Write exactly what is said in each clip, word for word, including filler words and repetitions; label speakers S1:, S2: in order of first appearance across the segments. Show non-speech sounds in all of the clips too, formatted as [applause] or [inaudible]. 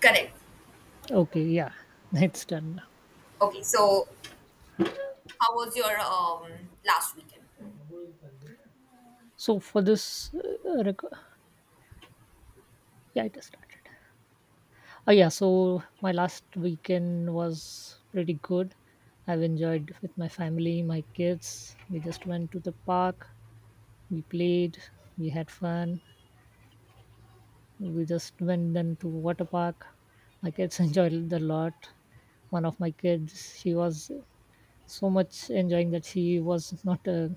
S1: Correct.
S2: Okay, yeah, [laughs] it's done now.
S1: Okay, so how was your um, last weekend?
S2: So for this, uh, rec- yeah, it has started. Oh yeah, so my last weekend was pretty good. I've enjoyed with my family, my kids. We just went to the park. We played. We had fun. We just went then to water park. My kids [laughs] enjoyed it a lot. One of my kids, she was so much enjoying that she was not. Uh,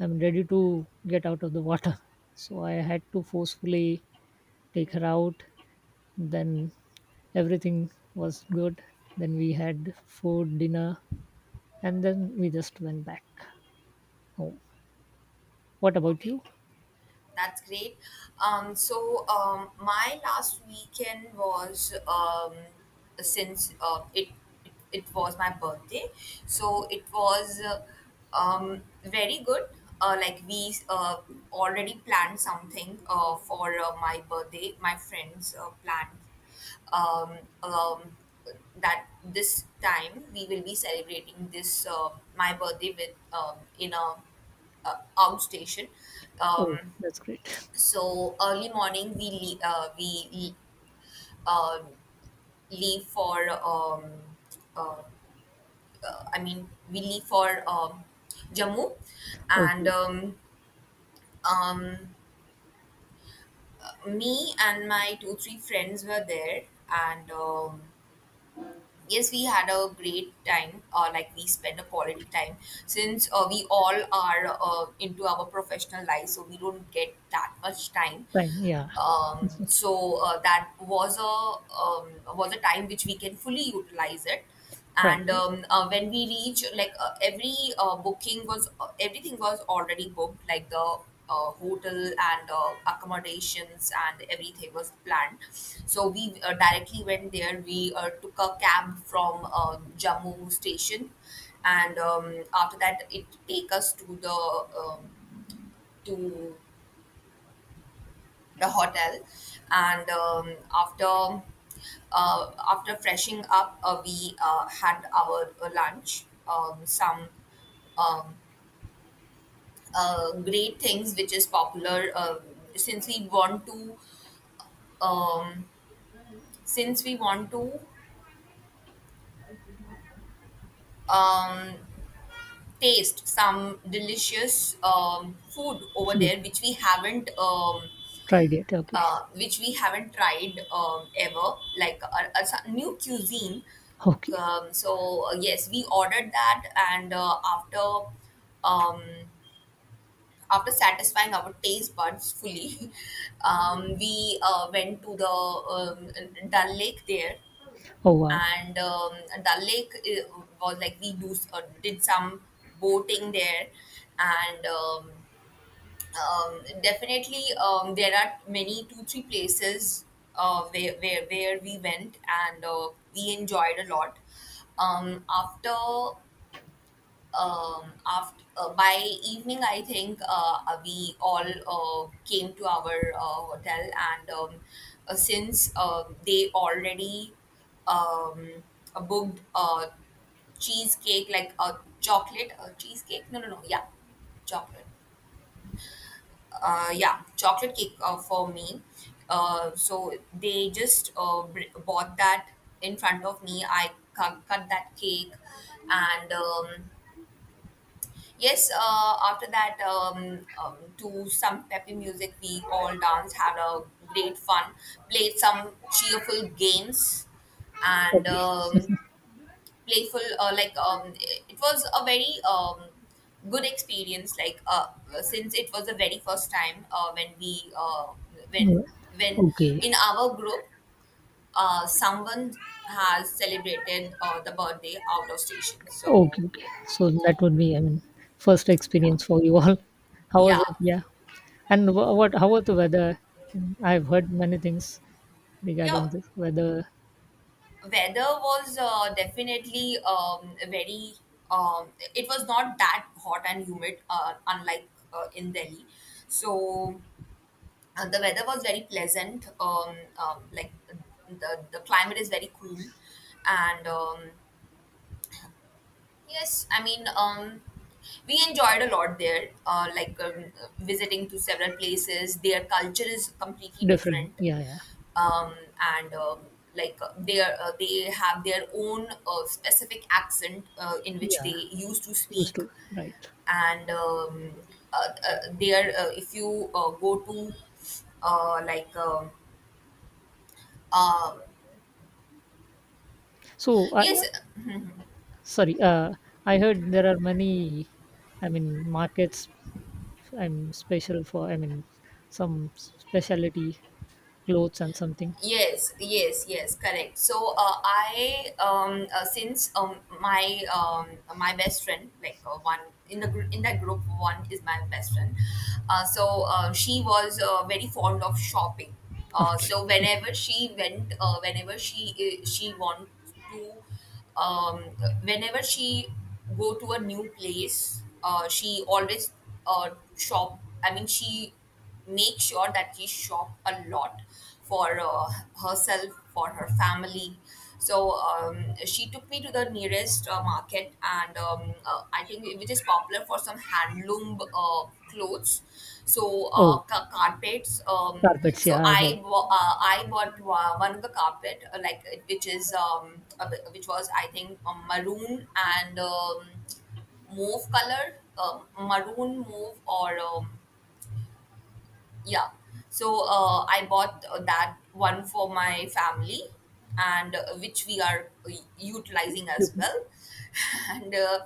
S2: I'm ready to get out of the water. [laughs] So I had to forcefully take her out. Then everything was good. Then we had food, dinner, and then we just went back home. What about
S1: Okay,
S2: you?
S1: that's great. Um, so um, my last weekend was um, since uh, it, it it was my birthday, so it was uh, um, very good. Uh, like we uh, already planned something uh, for uh, my birthday. My friends uh, planned um, um, that this time we will be celebrating this uh, my birthday with um, in a uh, outstation.
S2: Oh,
S1: Um,
S2: that's great.
S1: so early morning we le- uh, we uh, leave for um, uh, I mean we leave for um, Jammu,
S2: [laughs]
S1: and
S2: Okay,
S1: um, um, me and my two three friends were there, and um, yes, we had a great time, uh, like we spent a quality time since uh, we all are uh, into our professional life, so we don't get that much time.
S2: fine, yeah.
S1: um,
S2: [laughs]
S1: so uh, that was a um, was a time which we can fully utilize it.
S2: Right,
S1: And
S2: right.
S1: um, uh, When we reach, like, uh, every uh, booking was, uh, everything was already booked, like the uh, hotel and uh, accommodations and everything was planned, so we uh, directly went there. We uh, took a cab from uh, jammu station, and um, after that it take us to the um, to the hotel. And um, after uh, after freshing up, uh, we uh, had our uh, lunch, um, some um, uh, great things which is popular. Uh, since we want to um, since we want to um, taste some delicious um, food over
S2: Food,
S1: there which we haven't um,
S2: tried it, okay.
S1: uh, which we haven't tried um, ever, like a, a s- new cuisine.
S2: Okay.
S1: Um, so uh, yes, we ordered that, and uh, after um, after satisfying our taste buds fully, [laughs] um, we uh, went to the um, Dal Lake there,
S2: Oh, wow.
S1: and um, Dal Lake uh, was like we do uh, did some boating there, and um, um, definitely um, there are many two three places uh, where, where where we went, and uh, we enjoyed a lot. Um, after um, after uh, by evening I think, uh, uh, we all uh, came to our uh, hotel. And um, uh, since uh, they already um, uh, booked a cheesecake, like a chocolate a cheesecake, no no no, yeah chocolate, uh, yeah, chocolate cake uh, for me. Uh, so they just uh, br- bought that in front of me. I cu- cut that cake, and um, yes, uh, after that, um, um, to some peppy music, we all danced, had a great fun, played some cheerful games, and
S2: Okay.
S1: um,
S2: [laughs]
S1: playful. Uh, like um it was a very um good experience, like uh since it was the very first time uh when we uh when
S2: Mm.
S1: when
S2: Okay,
S1: in our group uh someone has celebrated uh the birthday out of station.
S2: okay,
S1: So
S2: okay. So that would be, I mean, first
S1: yeah.
S2: experience for you all. [laughs] How was
S1: Yeah,
S2: it? Yeah. And wha- what, how was the weather? I've heard many things regarding
S1: yeah,
S2: this whether.
S1: weather was uh, definitely um very um it was not that hot and humid, uh, unlike uh, in delhi. So Uh, the weather was very pleasant. Um, um, like the the climate is very cool, and um, yes, I mean um, we enjoyed a lot there. Uh, like um, visiting to several places, their culture is completely
S2: Different,
S1: different,
S2: yeah, yeah.
S1: um, and um, like uh, they are, uh, they have their own uh, specific accent uh, in which
S2: Yeah,
S1: they used to
S2: used
S1: speak,
S2: to. Right.
S1: and um, uh, uh, they uh, if you uh, go to uh, like um
S2: so I
S1: yes.
S2: Sorry. uh I heard there are many, I mean, markets. I'm special for, I mean, some specialty clothes and something.
S1: Yes, yes, yes, correct. So uh, I um uh, since um my um my best friend, like uh, one in the gr- in that group one is my best friend. Uh, so uh, she was uh, very fond of shopping.
S2: [laughs]
S1: Uh,
S2: Okay.
S1: so whenever she went, uh, whenever she uh, she wants to um, whenever she go to a new place, uh, she always uh, shop, I mean she make sure that she shop a lot for uh, herself, for her family. So um, she took me to the nearest uh, uh, market, and um, uh, I think it- which is popular for some handloom uh, clothes. So uh,
S2: Oh,
S1: ca- carpets. Um,
S2: carpets,
S1: so
S2: yeah, I've heard.
S1: I wa- uh, I bought wa- one of the carpet, uh, like uh, which is um, a which was I think um, maroon and um, mauve color, um maroon mauve or um, yeah. So uh, I bought uh, that one for my family, and uh, which we are uh, utilizing
S2: You.
S1: as well. [laughs] and uh,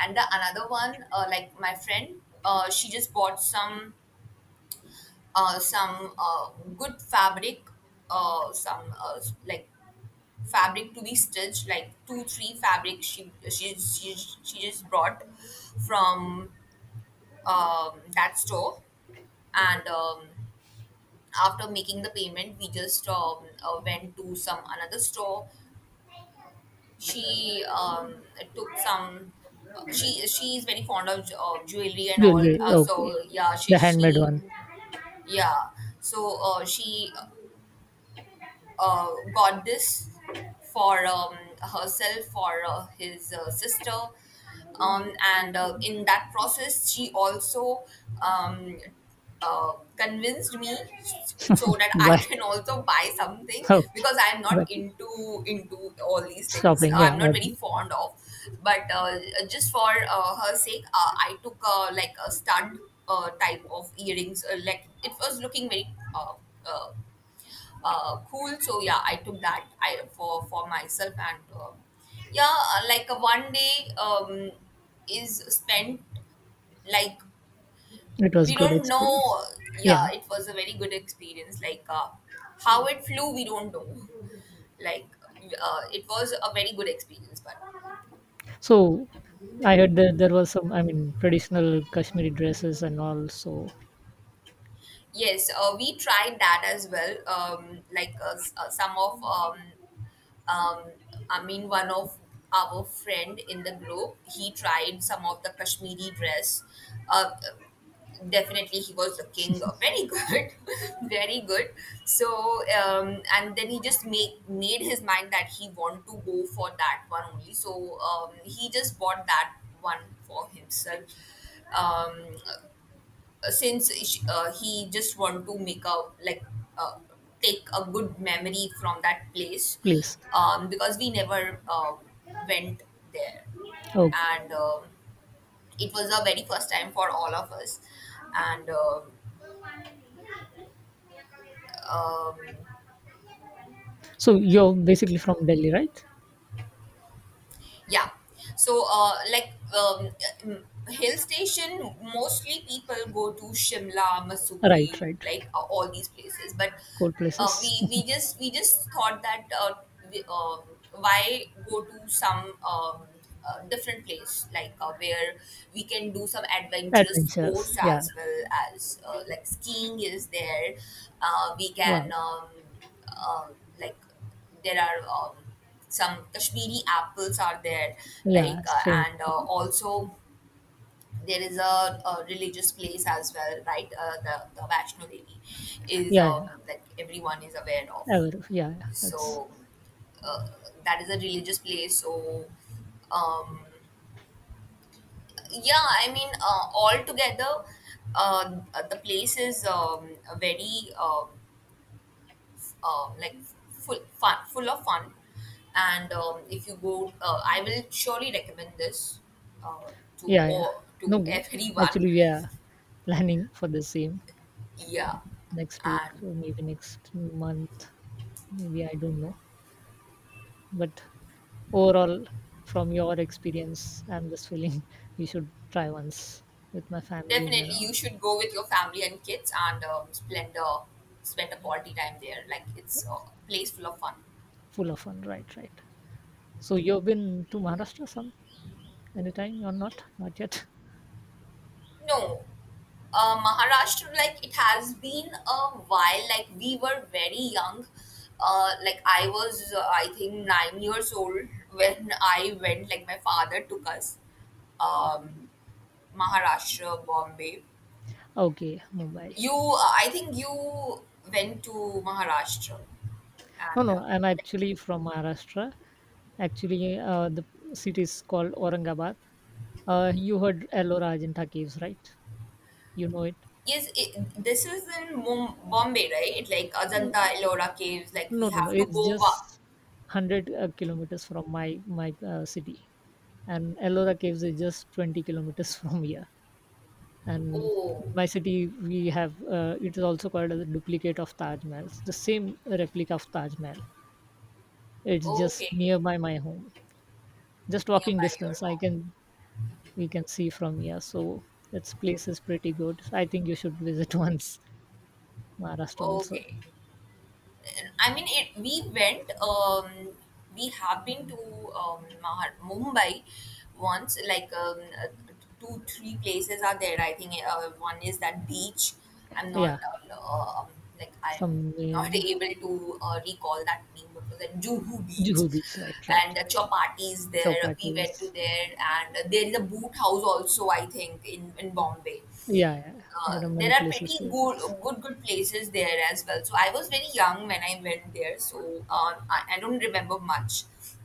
S1: and the another one, uh, like my friend, uh, she just bought some uh, some uh, good fabric, uh, some uh, s- like fabric to be stitched, like two three fabric. She she she, she just brought from um, that store, and. Um, after making the payment we just um, uh, went to some another store. She um, took some uh, she she is very fond of uh, jewelry and all,
S2: Jewelry,
S1: uh,
S2: okay.
S1: so yeah, she
S2: The handmade
S1: she
S2: one.
S1: yeah. So uh, she uh, goddess for um, herself, for uh, his uh, sister. Um, and uh, In that process, she also um, uh, convinced me so that
S2: [laughs]
S1: I
S2: Why?
S1: can also buy something
S2: Okay,
S1: because I'm
S2: but
S1: not into into all these things.
S2: shopping, yeah,
S1: I'm not very
S2: okay.
S1: fond of, but uh, just for uh, her sake, uh, I took uh, like a stud uh, type of earrings. Uh, like it was looking very uh, uh, uh, cool. So yeah, I took that I for for myself. And uh, yeah, uh, like uh, one day um, is spent like
S2: It was
S1: we
S2: good
S1: don't
S2: experience,
S1: know. uh,
S2: yeah.
S1: Yeah, it was a very good experience. Like uh, how it flew, we don't know. Like uh, it was a very good experience, but
S2: So I heard that there was some, I mean, traditional Kashmiri dresses and all. So
S1: yes, uh, we tried that as well. Um, like uh, s- uh, some of um, um, I mean, one of our friend in the group, he tried some of the Kashmiri dress. Uh, Definitely, he was looking very good, [laughs] very good. So, um, and then he just make made his mind that he want to go for that one only. So, um, he just bought that one for himself. Um, uh, since sh- uh, he just want to make a like uh, take a good memory from that place
S2: please.
S1: um, because we never uh, went there.
S2: Oh,
S1: And um, it was the very first time for all of us. And um um,
S2: so you're basically from Delhi, right?
S1: Yeah. So, uh, like um, uh, hill station, mostly people go to Shimla,
S2: Right,
S1: Missouri,
S2: right.
S1: like uh, all these places. But
S2: Cool
S1: uh,
S2: places.
S1: we we
S2: [laughs]
S1: just we just thought that uh, we, um why go to some um, uh, different place like uh, where we can do some adventurous
S2: Adventures.
S1: sports,
S2: Yeah.
S1: as well as uh, like skiing is there. Uh, we can
S2: Wow.
S1: um, uh, like there are um, some Kashmiri apples are there,
S2: Yeah.
S1: like uh,
S2: Same.
S1: and uh, also there is a, a religious place as well, right? Uh, the the Vaishno Devi is
S2: Yeah. Yeah.
S1: um, that everyone is aware of,
S2: Ever. Yeah, yeah. That's.
S1: so uh, that is a religious place. So um, yeah, I mean uh, altogether. Uh, the place is um, very uh, uh, like full fun, full of fun. And um, if you go, uh, I will surely recommend this uh, to
S2: Yeah. Yeah.
S1: or
S2: No
S1: to
S2: go.
S1: everyone.
S2: Actually, we are [laughs] planning for the same
S1: Yeah,
S2: next week,
S1: and
S2: or maybe next month. Maybe, I don't know, but overall, from your experience, I'm just feeling [laughs] we should try once with my families and
S1: definitely
S2: all.
S1: you should go with your family and kids and um, spend a spend a quality time there. Like it's a place full of fun.
S2: Full of fun, right, right. So you've been to Maharashtra some, anytime or not? Not yet.
S1: No, uh, Maharashtra, like it has been a while. Like we were very young. Uh, like I was, uh, I think nine years old when I went. Like my father took us, um, Maharashtra, Bombay.
S2: [laughs] Okay, Mumbai.
S1: You, uh, I think you went to Maharashtra,
S2: No,
S1: and
S2: no,
S1: uh,
S2: I'm
S1: like,
S2: actually from Maharashtra. Actually, uh, the city is called Aurangabad. Uh, you heard Ellora, Ajanta caves, right? You know it?
S1: yes, it, this is in Mum- Bombay, right? Like
S2: N-
S1: Ajanta, Ellora caves. Like
S2: no,
S1: we
S2: no, no,
S1: have to
S2: it's
S1: go.
S2: just
S1: wa-
S2: one hundred uh, kilometers from my my uh, city, and Ellora caves is just twenty kilometers [laughs] from here. And
S1: Oh,
S2: my city, we have, uh, it is also called as a duplicate of Taj Mahal. It's the same replica of Taj Mahal. It's just
S1: okay.
S2: nearby my home, just walking
S1: Nearby your
S2: distance. I
S1: home.
S2: can We can see from here. So its place is pretty good, I think you should visit [laughs] once Maharashtra also.
S1: Okay. I mean, it, we went, um, we have been to um, Mahar- Mumbai once, like um, uh, two, three places are there. I think uh, one is that beach. I'm not,
S2: Yeah,
S1: uh, um, like, I'm
S2: some,
S1: not [laughs]
S2: uh,
S1: able to uh, recall that name, but was at Juhu Beach.
S2: Juhu Beach, right, right.
S1: And uh, Chowpatty is there. We
S2: Chowpaty
S1: went to
S2: is,
S1: there, and there is a boot house also, I think, in, in Bombay.
S2: yeah, yeah.
S1: Uh,
S2: There are
S1: there
S2: many
S1: are
S2: places
S1: pretty
S2: to
S1: good,
S2: visit.
S1: good, good places there as well. So I was very young when I went there, so um, I, I don't remember much.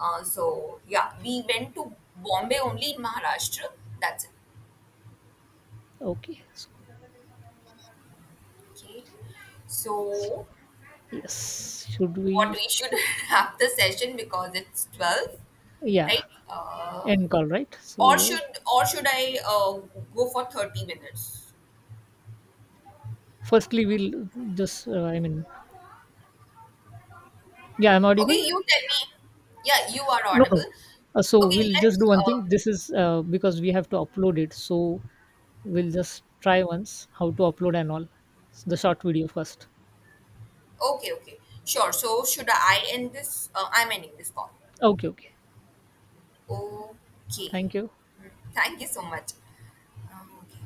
S1: Uh, so yeah, we went to Bombay only in Maharashtra. That's it.
S2: Okay, so
S1: Okay. So
S2: yes, should we.
S1: what we should [laughs] have the session because it's twelve,
S2: Yeah,
S1: right? Uh,
S2: end call, right? So
S1: or
S2: yeah,
S1: should or should I uh, go for thirty minutes?
S2: firstly we'll just, uh, I mean, yeah, I'm
S1: Okay,
S2: audible.
S1: you tell me. Yeah, you are
S2: No,
S1: audible.
S2: no. Uh, so
S1: Okay,
S2: we'll just
S1: let's
S2: do one
S1: uh,
S2: thing. This is, uh, because we have to upload it. So we'll just try once how to upload and all the short video first.
S1: okay, okay. Sure. So should I end this? Uh, I'm ending this call.
S2: Okay, okay.
S1: Okay.
S2: Thank you.
S1: Mm, thank you so much. Um, okay.